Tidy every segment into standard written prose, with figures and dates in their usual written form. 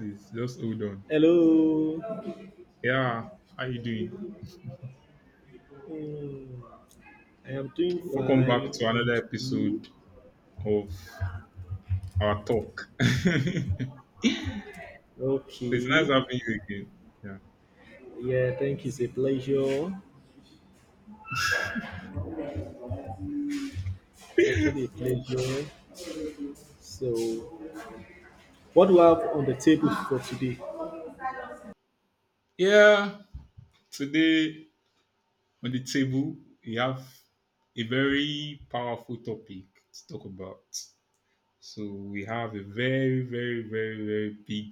Please just hold on. Hello. Yeah, how you doing? Hmm. I am doing Welcome back fine, to and another you? episode of our talk. It's nice Okay. having you again. Yeah. Yeah, thank you. It's a pleasure. It's actually a pleasure. So, what do I have on the table for today? Yeah. Today on the table we have a very powerful topic to talk about. So we have a very, very, very, very big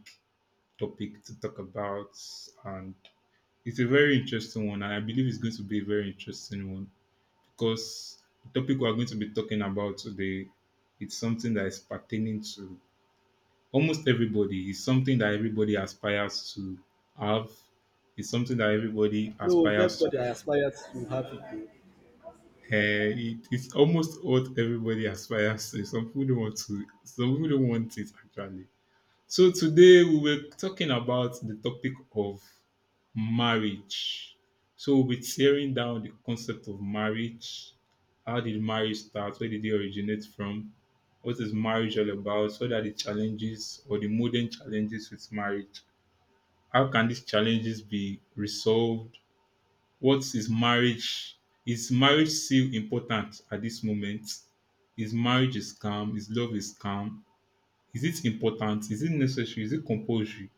topic to talk about, and it's a very interesting one, and I believe it's going to be a very interesting one, because the topic we're going to be talking about today, it's something that is pertaining to almost everybody. It's something that everybody aspires to have. It's something that everybody No, it's not aspires to. Uh, what I aspire to have it, though. it, it's almost what everybody aspires to. Some people don't want to. Some people don't want it actually. So today we were talking about the topic of marriage. So we'll be tearing down the concept of marriage. How did marriage start? Where did it originate from? What is marriage all about? What are the challenges, or the modern challenges with marriage? How can these challenges be resolved? What is marriage? Is marriage still important at this moment? Is marriage is calm? Is love is calm? Is it important? Is it necessary? Is it compulsory?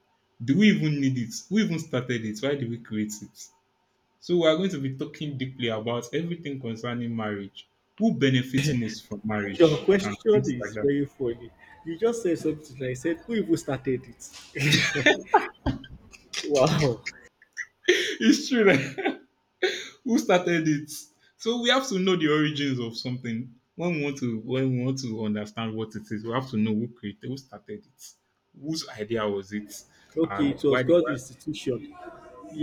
Do we even need it? Who even started it? Why did we create it? So we are going to be talking deeply about everything concerning marriage. Who benefits most from Your marriage and question things like is that? very funny. You just said something. I said, who even started it? Wow. It's true. Like, who started it? So we have to know the origins of something when we want to understand what it is. We have to know who created, who started it, whose idea was it, Okay, and it was why did God's why, institution.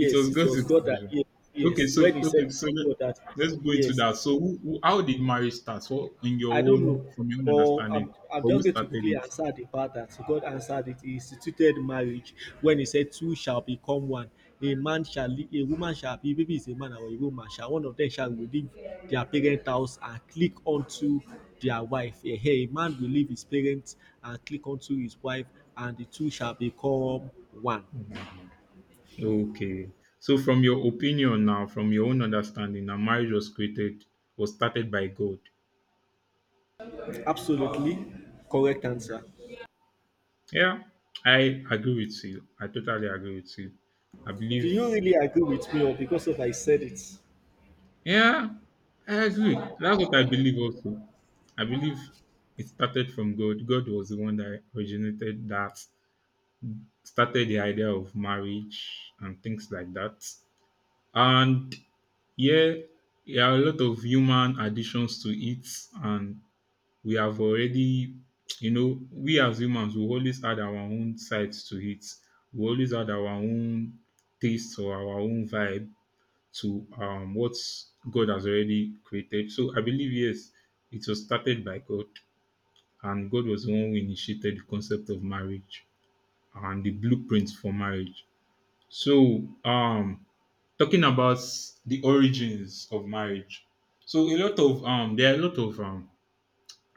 it was it God's was God that, intervention. yes, Okay, yes. When so he said okay, it so is let, God that, let's go into yes, that. it's So, who, how did marriage start? So, in your I don't own, know, from your own but I'm, understanding, I'm or who just going to started quickly answer the part that God answered it. He instituted marriage when He said, Two shall become one. A man shall, leave, a woman shall be, maybe it's a man or a woman, shall one of them shall leave their parent house and click onto their wife. A man will leave his parents and click onto his wife, and the two shall become one. it? Okay. So, from your opinion now, from your own understanding, now marriage was created, was started by God. Absolutely correct answer. Yeah, I agree with you. I totally agree with you. I Do believe, you really agree with me, or because of I said it? yeah, I agree. That's what I believe also. I believe it started from God. God was the one that originated that, started the idea of marriage and things like that. And yeah, there are a lot of human additions to it, and we have already, we as humans we always add our own sides to it. We always add our own taste or our own vibe to what God has already created. So I believe yes, it was started by God, and God was the one who initiated the concept of marriage and the blueprint for marriage. So, talking about the origins of marriage. So, a lot of there are a lot of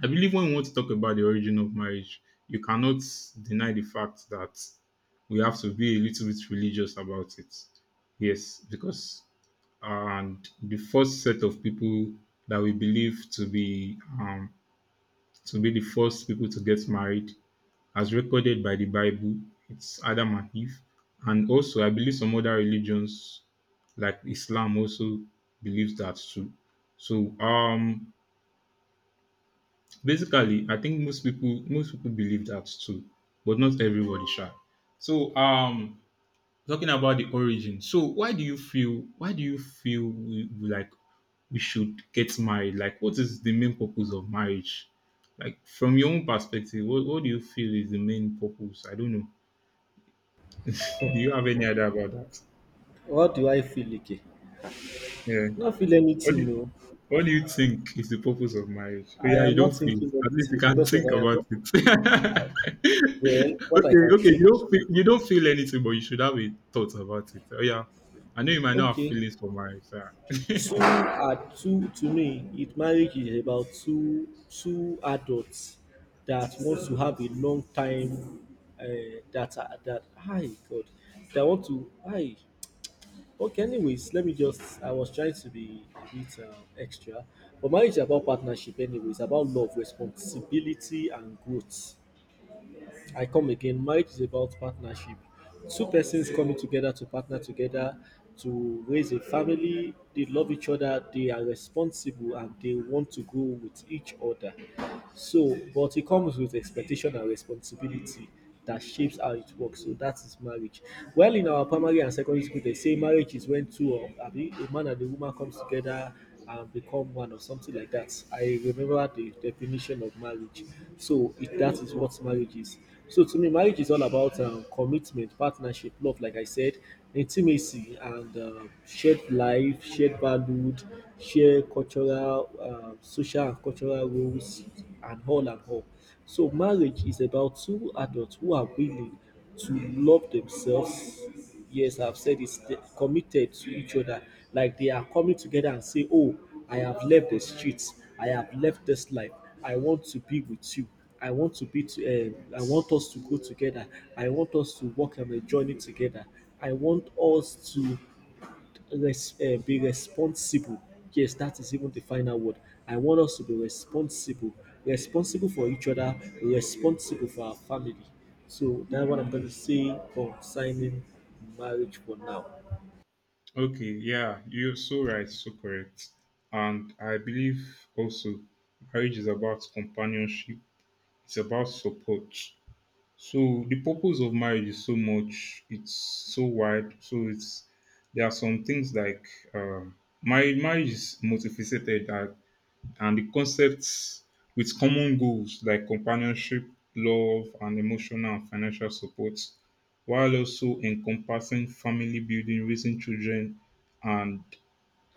I believe when we want to talk about the origin of marriage, you cannot deny the fact that we have to be a little bit religious about it. Yes, because and the first set of people that we believe to be the first people to get married, as recorded by the Bible, it's Adam and Eve, and also I believe some other religions like Islam also believes that too. So basically I think most people believe that too, but not everybody shall. So talking about the origin. So why do you feel we like we should get married? Like what is the main purpose of marriage? Like from your own perspective, what do you feel is the main purpose? I don't know. Hmm. Do you have any idea about that? What do I feel, Ike? Yeah. Not feel What anything, do, no. What do you think is the purpose of marriage? Oh I yeah, you am don't not feel. thinking At least you anything can because of think I am about not, it. well, what I Okay, can okay. Think is You don't feel anything, but you should have a thought about it. Oh yeah, I know you might not have okay. feelings for marriage. Yeah. Two are two to me, it marriage is about two adults that want to have a long time that are that hi God that want to hi, okay, anyways, let me just I was trying to be a bit extra, but marriage is about partnership, anyways, about love, responsibility, and growth. I come again, marriage is about partnership. Two persons coming together to partner together to raise a family. They love each other, they are responsible, and they want to grow with each other. So, but it comes with expectation and responsibility that shapes how it works. So that is marriage. Well, in our primary and secondary school, they say marriage is when two of I mean, a man and a woman comes together and become one or something like that. I remember the definition of marriage. So it, that is what marriage is. So to me, marriage is all about commitment, partnership, love, like I said, intimacy, and shared life, shared valued, shared cultural, social and cultural roles, and all and all. So marriage is about two adults who are willing to love themselves. Yes, I've said it's committed to each other. Like they are coming together and say, "Oh, I have left the streets. I have left this life. I want to be with you." I want to be to, I want us to go together. I want us to work on a journey together. I want us to be responsible. Yes, that is even the final word. I want us to be responsible, responsible for each other, responsible for our family. So that's what I'm going to say concerning marriage for now. Okay, yeah, you're so right, so correct, and I believe also marriage is about companionship. It's about support. So the purpose of marriage is so much, it's so wide. So it's there are some things like marriage. Marriage is multifaceted, and the concepts with common goals like companionship, love, and emotional and financial support, while also encompassing family building, raising children, and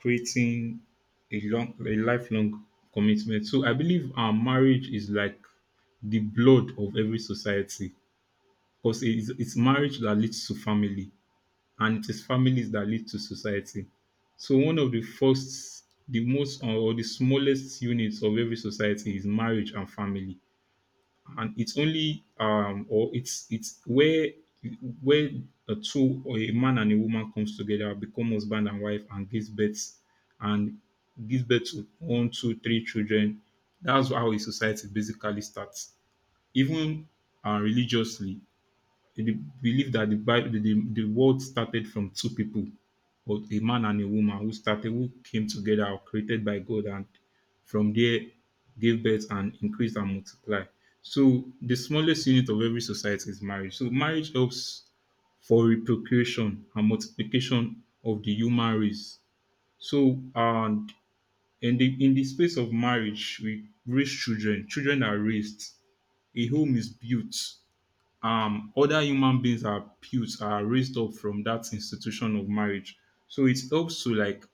creating a long, a lifelong commitment. So I believe our marriage is like the blood of every society, because it's marriage that leads to family, and it is families that lead to society. So one of the first, the most, or the smallest units of every society is marriage and family, and it's where where a two or a man and a woman comes together, become husband and wife, and gives birth to one, two, three children. That's how a society basically starts. Even religiously, they believe that the Bible, the world started from two people, or a man and a woman who started, who came together, or created by God, and from there gave birth and increased and multiplied. So the smallest unit of every society is marriage. So marriage helps for reproduction and multiplication of the human race. So and in the space of marriage, we raise children. Children are raised. A home is built, other human beings are built, are raised up from that institution of marriage, so it helps to like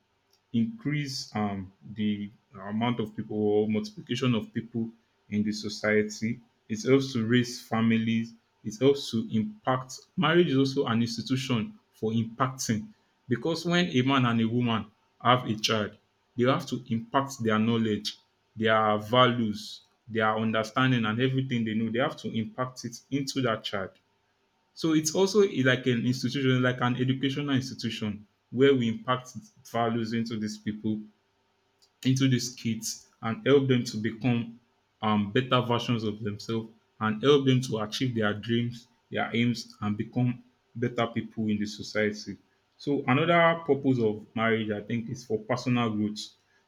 increase the amount of people or multiplication of people in the society. It helps to raise families. It helps to impact. Marriage is also an institution for impacting, because when a man and a woman have a child, they have to impact their knowledge, their values, their understanding, and everything they know. They have to impact it into that child. So it's also like an institution, like an educational institution where we impact values into these people, into these kids, and help them to become better versions of themselves, and help them to achieve their dreams, their aims, and become better people in the society. So, another purpose of marriage, I think, is for personal growth.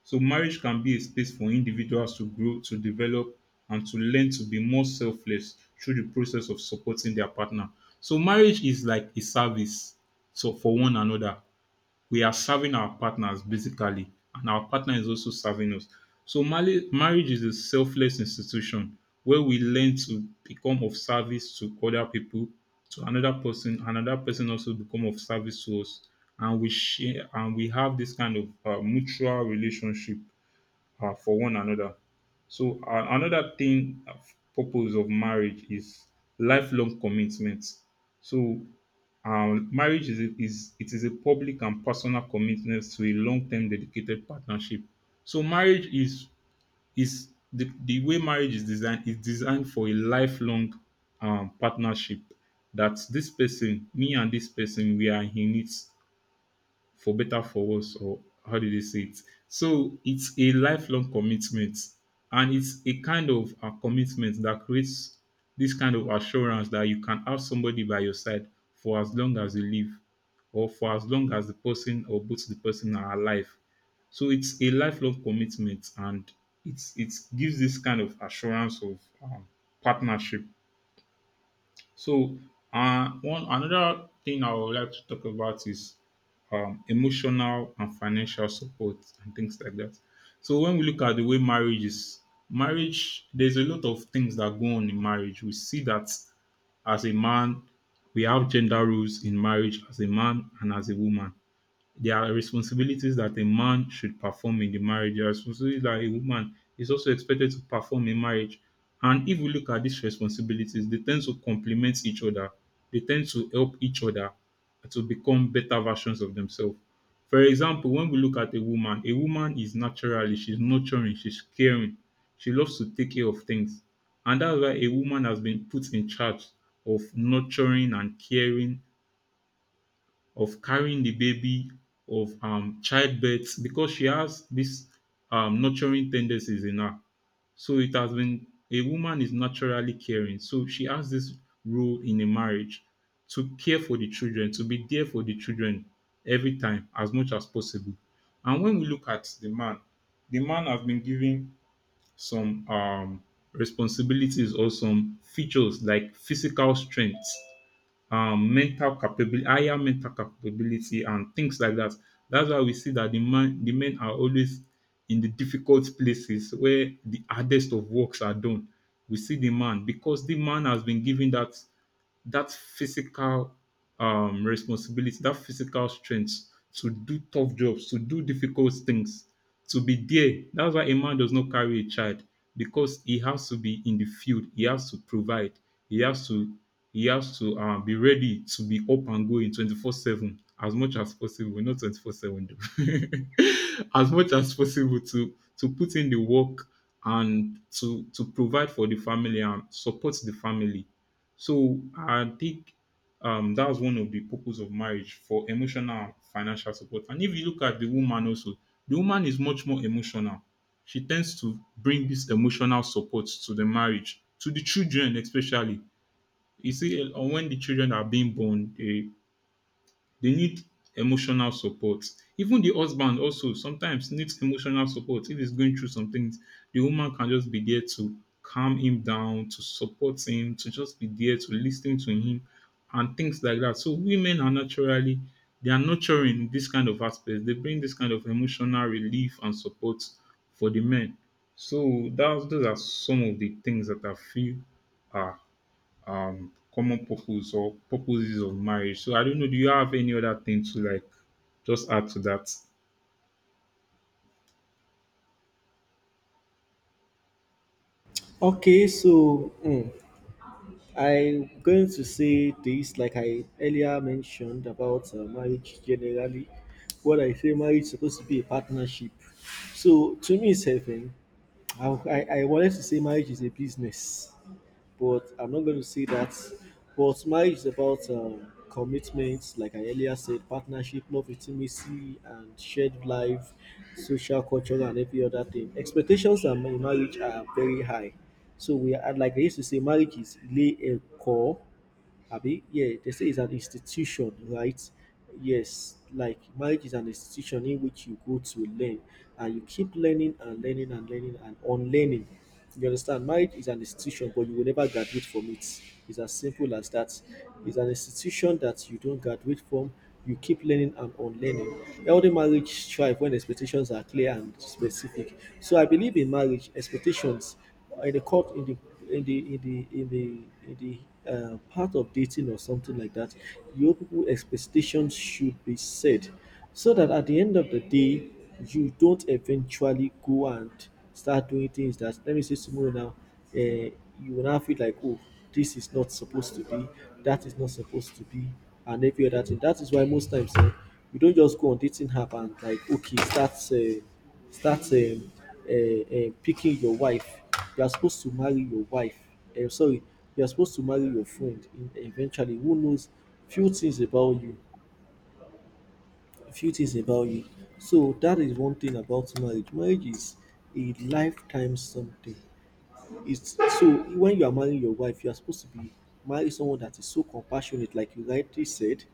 So, marriage can be a space for individuals to grow, to develop, and to learn to be more selfless through the process of supporting their partner. So, marriage is like a service, so for one another we are serving our partners basically, and our partner is also serving us. So marriage is a selfless institution where we learn to become of service to other people, to another person. Another person also become of service to us, and we share, and we have this kind of mutual relationship for one another. So another thing, purpose of marriage is lifelong commitment. So marriage is, is it is a public and personal commitment to a long-term dedicated partnership. So marriage is the way marriage is designed for a lifelong partnership. That this person, me and this person, we are in it for better for worse, or how do they say it. So it's a lifelong commitment, and it's a kind of a commitment that creates this kind of assurance that you can have somebody by your side for as long as you live, or for as long as the person or both the person are alive. So it's a lifelong commitment, and it gives this kind of assurance of partnership. So, one another thing I would like to talk about is emotional and financial support and things like that. So, when we look at the way marriage is, marriage, there's a lot of things that go on in marriage. We see that as a man, we have gender roles in marriage as a man and as a woman. There are responsibilities that a man should perform in the marriage. There are responsibilities that a woman is also expected to perform in marriage. And if we look at these responsibilities, they tend to complement each other. They tend to help each other to become better versions of themselves. For example, when we look at a woman is naturally, she's nurturing, she's caring, she loves to take care of things. And that's why a woman has been put in charge of nurturing and caring, of carrying the baby, of childbirth, because she has this nurturing tendencies in her. So it has been a woman is naturally caring. So she has this role in a marriage to care for the children, to be there for the children every time as much as possible. And when we look at the man has been given some responsibilities or some features like physical strength, mental capability, higher mental capability, and things like that. That's why we see that the man, the men are always in the difficult places where the hardest of works are done. We see the man because the man has been given that physical responsibility, that physical strength to do tough jobs, to do difficult things, to be there. That's why a man does not carry a child because he has to be in the field. He has to provide. He has to he has to be ready to be up and going 24/7 as much as possible, not 24/7 though. As much as possible to put in the work and to provide for the family and support the family. So I think that was one of the purpose of marriage, for emotional and financial support. And if you look at the woman also, the woman is much more emotional. She tends to bring this emotional support to the marriage, to the children especially. You see, when the children are being born, they need emotional support. Even the husband also sometimes needs emotional support if he's going through some things. The woman can just be there to calm him down, to support him, to just be there to listen to him and things like that. So women are naturally, they are nurturing this kind of aspect. They bring this kind of emotional relief and support for the men. So that's those are some of the things that I feel are common purpose or purposes of marriage. So I don't know. Do you have any other thing to like just add to that? Okay, so I'm going to say this, like I earlier mentioned about marriage generally. What I say, marriage is supposed to be a partnership. So to me, it's heaven. I wanted to say marriage is a business, but I'm not going to see that. But marriage is about commitments, like I earlier said, partnership, love, intimacy, and shared life, social, cultural, and every other thing. Expectations in marriage are very high. So we are like I used to say, marriage is lay a core Abi, yeah, they say it's an institution, right? Yes, like marriage is an institution in which you go to learn and you keep learning and learning and learning and unlearning. You understand? Marriage is an institution, but you will never graduate from it. It's as simple as that. It's an institution that you don't graduate from. You keep learning and unlearning. Healthy marriage thrive when expectations are clear and specific. So I believe in marriage expectations in the court, in the in the in the in the in the part of dating or something like that, your people expectations should be set so that at the end of the day you don't eventually go and start doing things that, let me say tomorrow now, you will now feel like, oh, this is not supposed to be, that is not supposed to be, and every other thing. That is why most times, you don't just go on dating app and like, okay, start picking your wife. You are supposed to marry your wife. Sorry, you are supposed to marry your friend. In, eventually, who knows few things about you, few things about you. So that is one thing about marriage. Marriage is a lifetime something, it's so, when you are marrying your wife, you are supposed to be marry someone that is so compassionate, like you rightly said,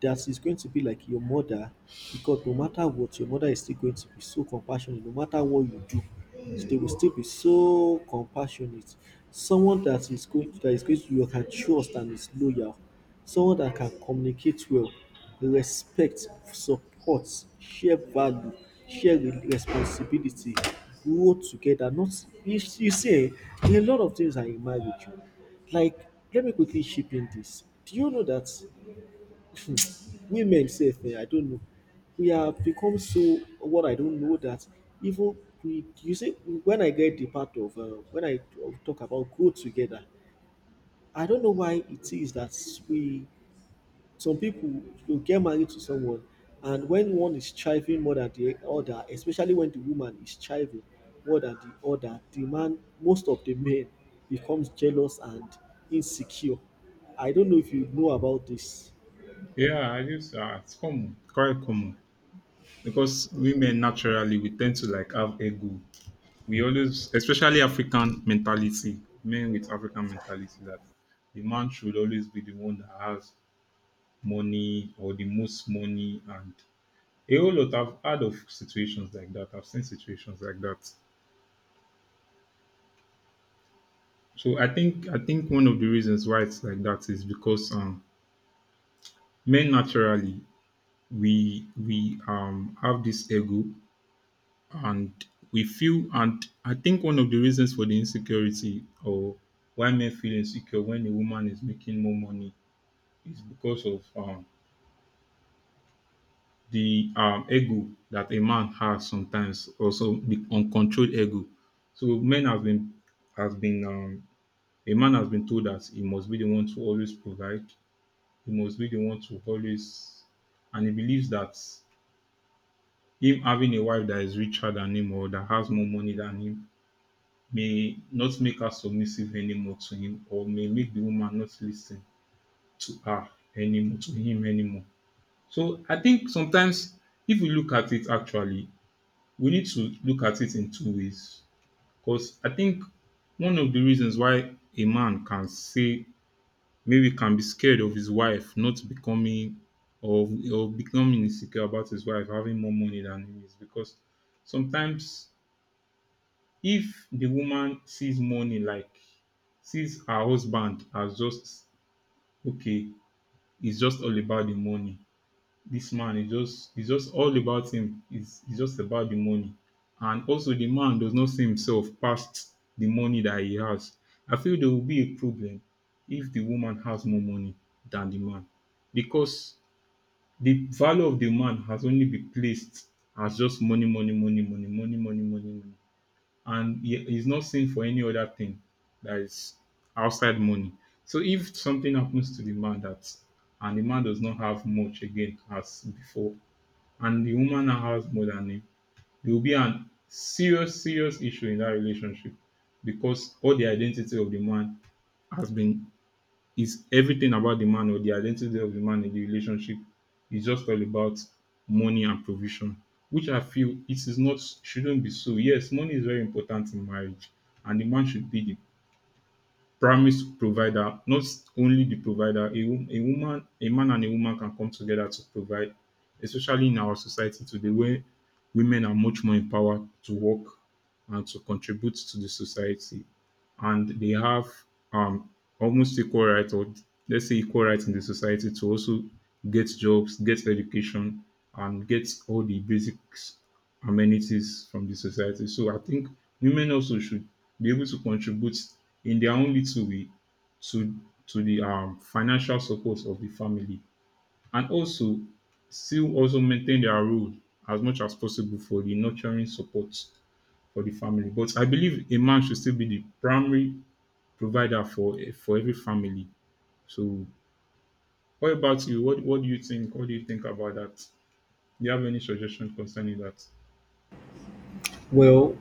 that is going to be like your mother, because no matter what, your mother is still going to be so compassionate, no matter what you do, they will still be so compassionate. Someone that is going to you can trust and is loyal. Someone that can communicate well, respect, support, share value, responsibility, grow together. Not you see, there are a lot of things are in marriage. Oh. Like, let me quickly chip in this. Do you know that women say, I don't know, we have become so what I don't know that even we you see when I get the part of when talk about go together, I don't know why it is that we some people will get married to someone, and when one is thriving more than the other, especially when the woman is thriving more than the other, the man, most of the men becomes jealous and insecure. I don't know if you know about this. Yeah, I just it's common, quite common because women naturally we tend to like have ego. We always, especially African mentality, men with African mentality, that the man should always be the one that has money or the most money and a whole lot. I've heard of situations like that. I've seen situations like that. So I think one of the reasons why it's like that is because men naturally we have this ego, and we feel, and I think one of the reasons for the insecurity, or why men feel insecure when a woman is making more money, is because of the ego that a man has, sometimes also the uncontrolled ego. So men have been, has been, a man has been told that he must be the one to always provide, he must be the one to always, and he believes that him having a wife that is richer than him, or that has more money than him, may not make her submissive anymore to him, or may make the woman not listen to her anymore, to him anymore. So I think sometimes, if we look at it actually, we need to look at it in two ways, because I think one of the reasons why a man can say, maybe can be scared of his wife not becoming, or, or becoming insecure about his wife having more money than he is because sometimes, if the woman sees money, like, sees her husband as just, okay, it's just all about the money, this man is just, it's just all about him, is just about the money. And also the man does not see himself past the money that he has. I feel there will be a problem if the woman has more money than the man, because the value of the man has only been placed as just money, money, money, money, money, money, money, money. And he is not seen for any other thing that is outside money. So if something happens to the man, that and the man does not have much again as before, and the woman now has more than him, there will be an serious, serious issue in that relationship, because all the identity of the man has been, is everything about the man, or the identity of the man in the relationship is just all about money and provision, which I feel it is not, shouldn't be so. Yes, money is very important in marriage, and the man should be the primary s- provider, not only the provider. A, wo- a woman, a man, and a woman can come together to provide, especially in our society today, where women are much more empowered to work and to contribute to the society, and they have um almost equal right, or let's say equal rights in the society, to also get jobs, get education, and get all the basics amenities from the society. So I think women also should be able to contribute in their own little way to to the financial support of the family, and also still also maintain their role as much as possible for the nurturing support for the family. But I believe a man should still be the primary provider for every family. So what about you? What do you think? What do you think about that? Do you have any suggestion concerning that? Well,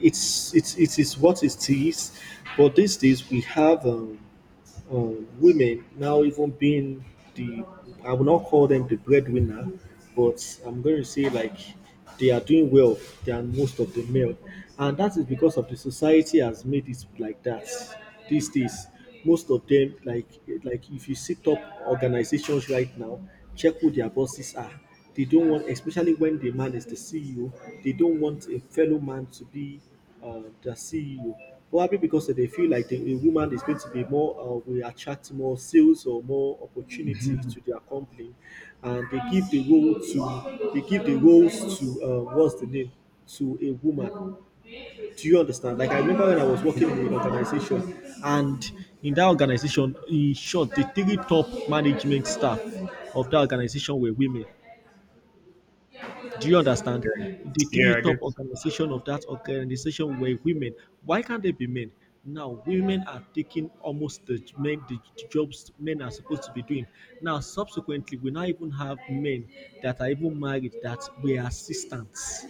it is what it is, but these days we have women now even being the I will not call them the breadwinner, but I'm going to say like they are doing well than most of the male, and that is because of the society has made it like that these days. Most of them like if you sit up organizations right now, check who their bosses are. They don't want, especially when the man is the CEO, they don't want a fellow man to be the CEO. Probably because they feel like the, a woman is going to be more, will attract more sales or more opportunities to their company, and they give the roles to what's the name, to a woman. Do you understand? Like I remember when I was Yeah, working in an organization, and in that organization, in short, the three top management staff of that organization were women. Do you understand? The three yeah, I get. top organization of that organization were women. Why can't they be men? Now women are taking almost the men the jobs men are supposed to be doing. Now subsequently we now even have men that are even married that were assistants.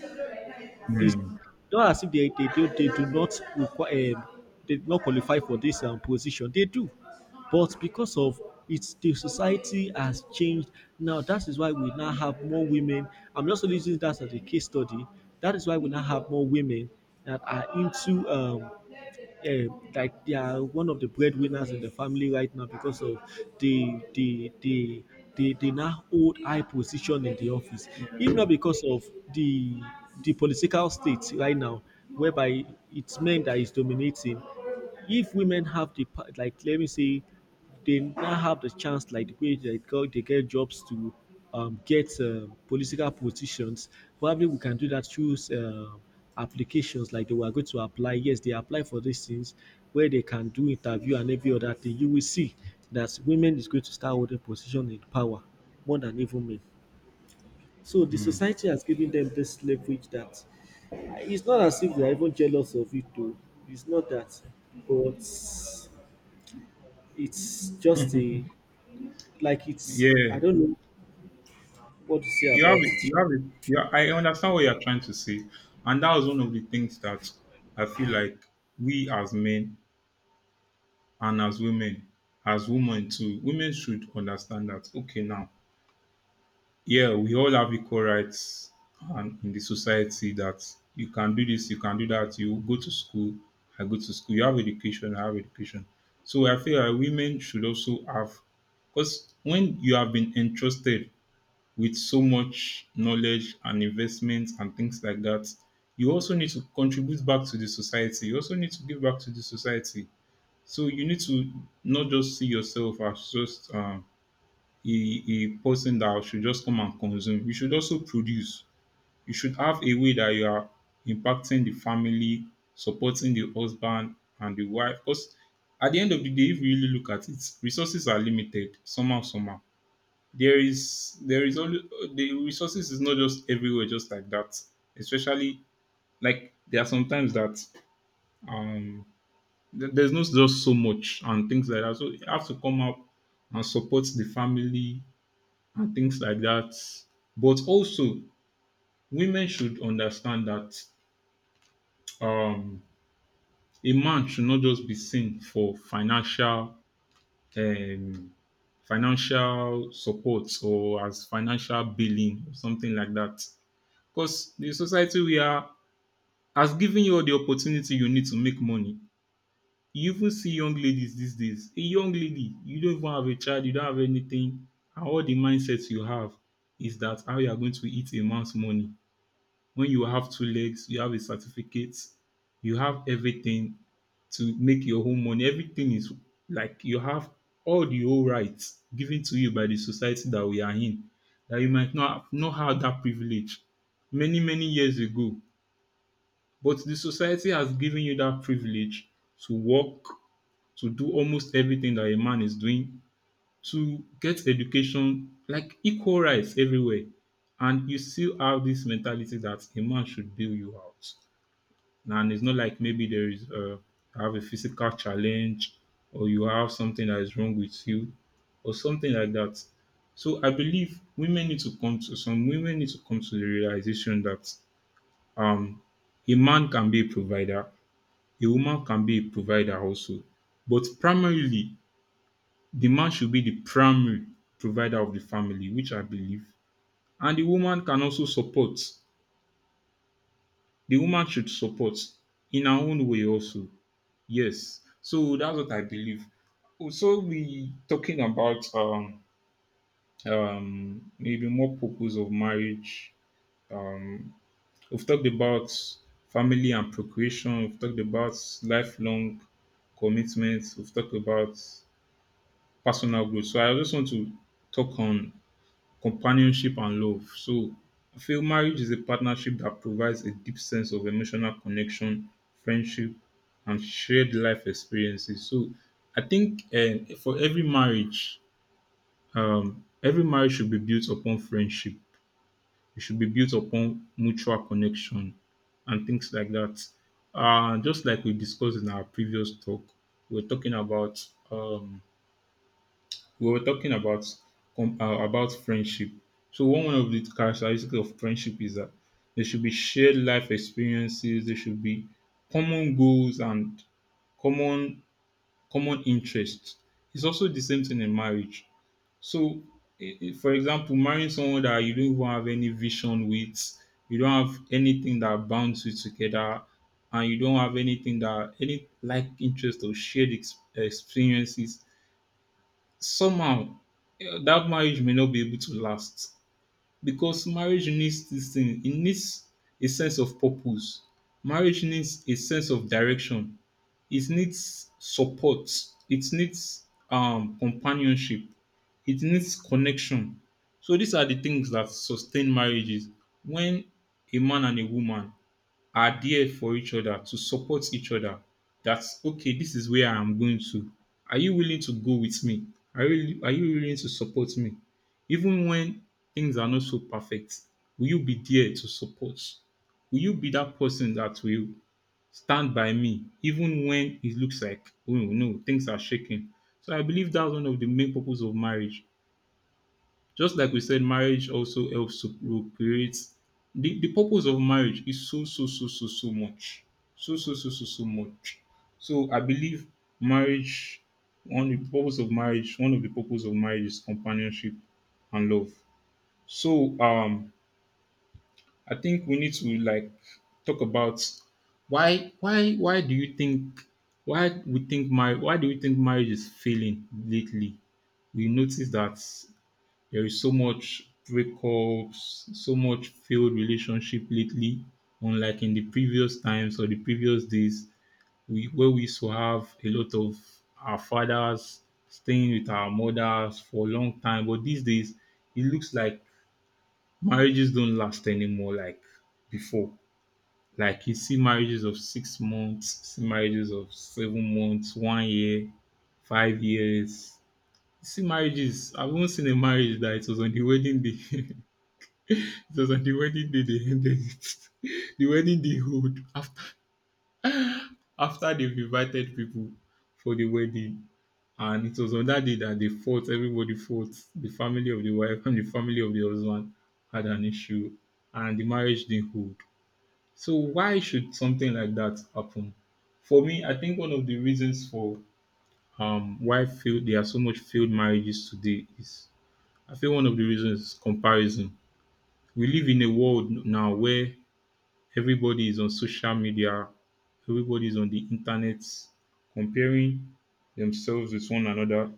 It's Hmm, not as if they do, they do not require they do not qualify for this position. They do, but because of it's the society has changed now. That is why we now have more women. I'm just using that as a case study. That is why we now have more women that are into like they are one of the breadwinners in the family right now because of the they now hold high position in the office, if not because of the the political state right now whereby it's men that is dominating. If women have the like let me say they now have the chance, like the way they got they get jobs to get political positions, probably we can do that through applications like they were going to apply, yes, they apply for these things where they can do interview and every other thing, you will see that women is going to start holding position in power more than even men. So the hmm. society has given them this leverage that it's not as if they are even jealous of it though, it's not that, but it's just a like it's I Yeah, don't know what to say about you have it. it. You Sha. have it. Yeah, I understand what you're trying to say, and that was one of the things that I feel like we as men and as women too, women should understand that. Okay, now, yeah, we all have equal rights, and in the society that you can do this, you can do that. You go to school, I go to school. You have education, I have education. So I feel like women should also have, because when you have been entrusted with so much knowledge and investment and things like that, you also need to contribute back to the society. You also need to give back to the society. So you need to not just see yourself as just a person that should just come and consume. You should also produce. You should have a way that you are impacting the family, supporting the husband and the wife. Because at the end of the day, if you really look at it, resources are limited. Somehow, somehow, there is only, the resources is not just everywhere just like that, especially, like there are sometimes that um th- there's not just so much and things like that, so you have to come up and support the family and things like that. But also, women should understand that um a man should not just be seen for financial um financial support or as financial billing or something like that. Because the society we are has given you all the opportunity you need to make money. You even see young ladies these days. A young lady, you don't even have a child, you don't have anything, and all the mindsets you have is that how you are going to eat a man's money when you have two legs, you have a certificate, you have everything to make your own money. Everything is like you have all the whole rights given to you by the society that we are in. That you might not have, not have that privilege many, many years ago. But the society has given you that privilege to work, to do almost everything that a man is doing, to get education, like equal rights everywhere. And you still have this mentality that a man should bail you out. And it's not like maybe there is a, you have a physical challenge or you have something that is wrong with you or something like that. So I believe women need to come to, some women need to come to the realization that um a man can be a provider, a woman can be a provider also. But primarily, the man should be the primary provider of the family, which I believe. And the woman can also support. The woman should support in her own way also. Yes. So that's what I believe. So we talking about maybe more purpose of marriage. Um, we've talked about family and procreation. We've talked about lifelong commitments. We've talked about personal growth. So I just want to talk on companionship and love. So I feel marriage is a partnership that provides a deep sense of emotional connection, friendship, and shared life experiences. So I think for every marriage should be built upon friendship. It should be built upon mutual connection and things like that. Just like we discussed in our previous talk, we're talking about um, we were talking about about friendship. So one of the characteristics of friendship is that there should be shared life experiences. There should be common goals and common common interests. It's also the same thing in marriage. So, for example, marrying someone that you don't even have any vision with, you don't have anything that binds you together, and you don't have anything that any like interest or shared experiences somehow, that marriage may not be able to last, because marriage needs this thing. It needs a sense of purpose. Marriage needs a sense of direction. It needs support. It needs companionship. It needs connection. So these are the things that sustain marriages, when a man and a woman are there for each other to support each other. That's okay, this is where I'm going to. Are you willing to go with me? Are you willing to support me even when things are not so perfect? Will you be there to support? Will you be that person that will stand by me even when it looks like, oh no, things are shaking? So I believe that's one of the main purpose of marriage. Just like we said, marriage also helps to procreate. The purpose of marriage is so, so, so, so, so much. So, so, so, so, so much. So I believe marriage, one of the purpose of marriage, one of the purpose of marriage is companionship and love. So I think we need to like talk about why do you think, why we think marriage, why do we think marriage is failing lately? We notice that there is so much breakups, so much failed relationship lately, unlike in the previous times or the previous days, we where we used to have a lot of our fathers staying with our mothers for a long time. But these days, it looks like marriages don't last anymore like before. Like you see marriages of 6 months, see marriages of 7 months, one year, 5 years. See marriages. I've even seen a marriage that it was on the wedding day. It was on the wedding day they ended it. The wedding they hold after after they've invited people for the wedding. And it was on that day that they fought, everybody fought. The family of the wife and the family of the husband had an issue and the marriage didn't hold. So why should something like that happen? For me, I think one of the reasons for why failed there are so much failed marriages today is I feel one of the reasons is comparison. We live in a world now where everybody is on social media, everybody is on the internet comparing themselves with one another.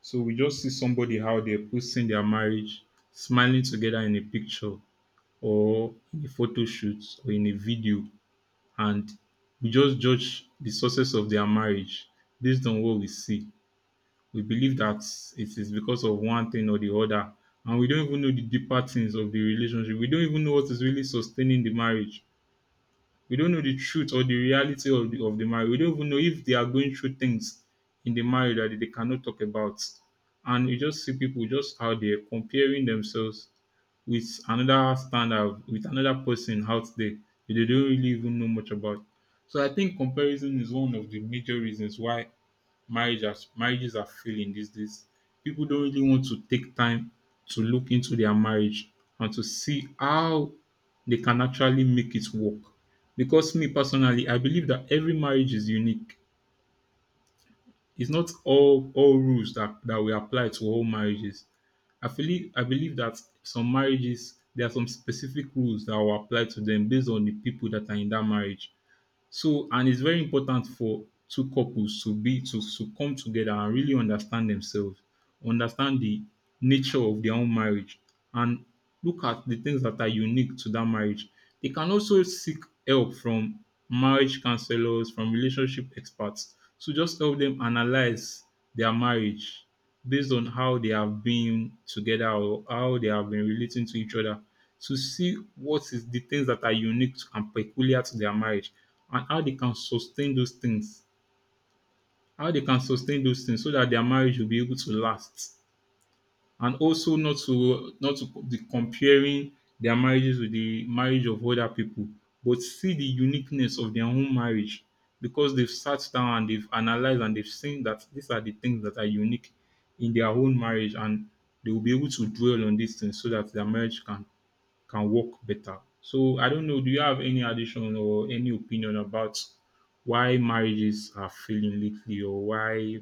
So we just see somebody how they're posting their marriage, smiling together in a picture or in a photo shoot or in a video, and we just judge the success of their marriage based on what we see. We believe that it is because of one thing or the other, and we don't even know the deeper things of the relationship. We don't even know what is really sustaining the marriage. We don't know the truth or the reality of the marriage. We don't even know if they are going through things in the marriage that they cannot talk about. And you just see people just out there comparing themselves with another standard, with another person out there that they don't really even know much about. So I think comparison is one of the major reasons why marriage are marriages are failing these days. People don't really want to take time to look into their marriage and to see how they can actually make it work. Because me personally, I believe that every marriage is unique. It's not all rules that we apply to all marriages. I feel I believe that some marriages there are some specific rules that will apply to them based on the people that are in that marriage. So and it's very important for two couples to be to come together and really understand themselves, understand the nature of their own marriage, and look at the things that are unique to that marriage. They can also seek help from marriage counselors, from relationship experts to just help them analyze their marriage based on how they have been together or how they have been relating to each other to see what is the things that are unique and peculiar to their marriage and how they can sustain those things. How they can sustain those things so that their marriage will be able to last and also not to be comparing their marriages with the marriage of other people, but see the uniqueness of their own marriage because they've sat down and they've analyzed and they've seen that these are the things that are unique in their own marriage and they will be able to dwell on these things so that their marriage can work better. So I don't know, do you have any addition or any opinion about why marriages are failing lately or why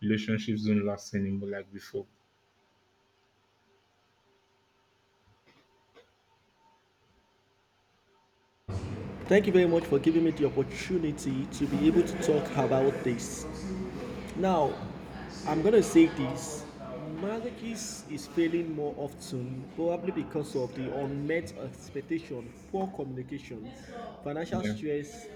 relationships don't last anymore like before? Thank you very much for giving me the opportunity to be able to talk about this. Now, I'm gonna say this. Marriages is failing more often, probably because of the unmet expectation, poor communication, financial Yeah. stress,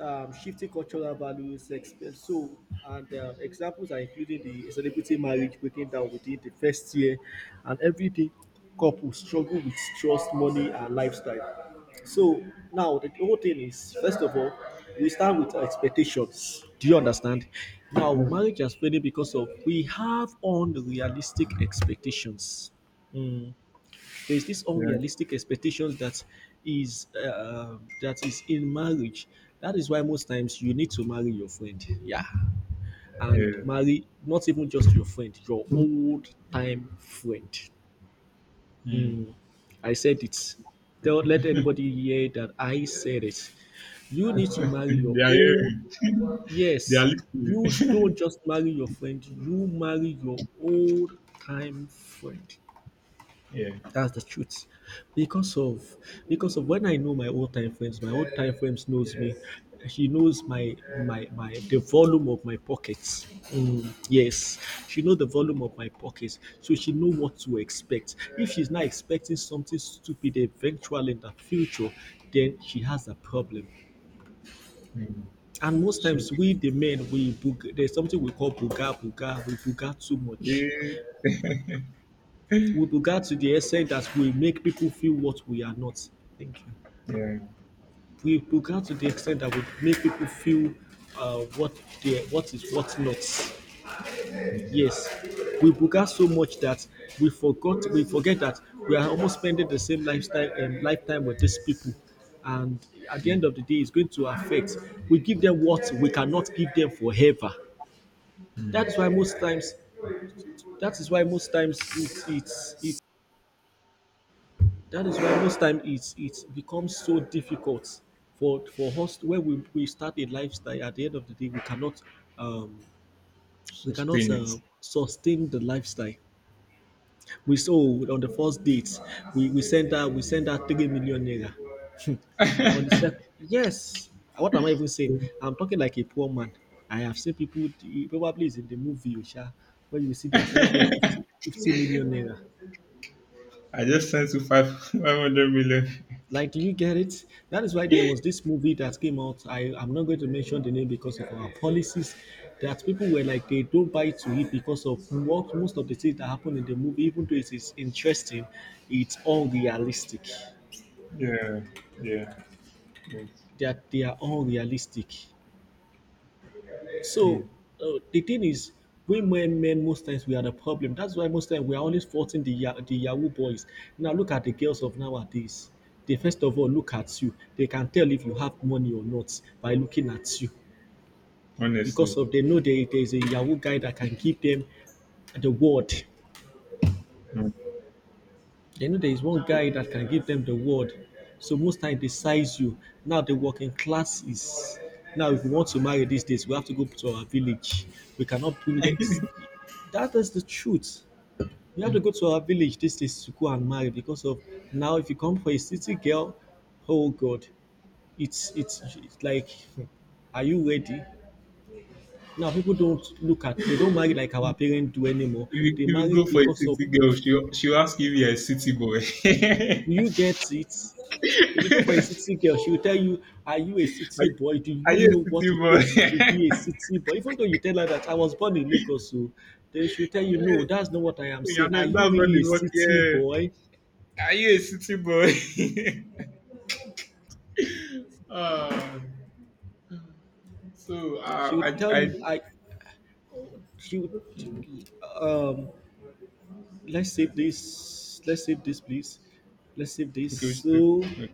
shifting cultural values. So, and examples are including the celebrity marriage breaking down within the first year, and everyday couple struggle with trust, money, and lifestyle. So now the whole thing is, first of all, we start with our expectations. Do you understand? Now marriage has failing because of we have unrealistic expectations. Mm. There's this Yeah, unrealistic expectation that is in marriage. That is why most times you need to marry your friend. Yeah. And yeah. marry not even just your friend, your old time friend. Mm. I said it. Don't let anybody hear that I said it. You need to marry your They are own. hearing. They are Yes, you listening. don't just marry your friend, you marry your old time friend. Yeah. That's the truth. Because of because of when I know my old time frames, my old time frames knows me. She knows my my my the volume of my pockets. Mm, yes, she know the volume of my pockets, so she know what to expect. If she's not expecting something stupid eventually in the future, then she has a problem. Mm. And most So times, we the men there's something we call buga buga. We buga too much. eh, We buga to the extent that we make people feel what we are not. Thank you. yeah. We began to the extent that we make people feel uh, what what is what not. Mm. Yes, we began so much that we forget that we are almost spending the same lifestyle and lifetime with these people. And at the end Mm. of the day, it's going to affect. We give them what we cannot give them forever. Mm. That's why most times. That is why most times it's it's it's That is why most time it becomes so difficult for us when we start a lifestyle. At the end of the day, um, we cannot Sustain it. Sustain the lifestyle. We saw on the first date, we send her 3 million naira. On the second, yes. What am I even saying? I'm talking like a poor man. I have seen people probably is in the movie, Osha, where you see they are sending them 50, 50 million naira. I just sent you five 500 million. Like, do you get it? That is why there was this movie that came out. I'm not going to mention the name because of our policies. That people were like, they don't buy to it because of what most of the things that happen in the movie, even though it is interesting, it's all realistic. Yeah. Yeah. Yes. That they are all realistic. So Mm. The thing is, women, men, most times we are the problem. That's why most times we are always faulting the Yahoo boys. Now look at the girls of nowadays. They first of all look at you. They can tell if you have money or not by looking at you, Honestly. because of they know there is a Yahoo guy that can give them the word. Mm. They know there is one guy that can give them the word. So most times they size you. Now the working class is now if we want to marry these days, we have to go to our village. We cannot bring it. That is the truth. You have to go to our village these days to go and marry because of now. If you come for a city girl, oh God, it's like, are you ready? Now people don't look at they don't marry like our parents do anymore. If They you marry go for a because of city girl, do she'll, she'll ask you if you're a city boy. you get it? If you go for a city girl, she will tell you, "Are you a are, city you- boy? Do are you you know a city what it takes to boy? be a city boy?" Even though you tell her that I was born in Lagos, so then she will tell you, "No, that's not what I am Yeah, saying. no, Are that's you not really a the word. city boy?" Yeah. Are you a city boy? Ah. So She would I tell I you, she would, um, let's save this, please, let's save this. okay, what you So say?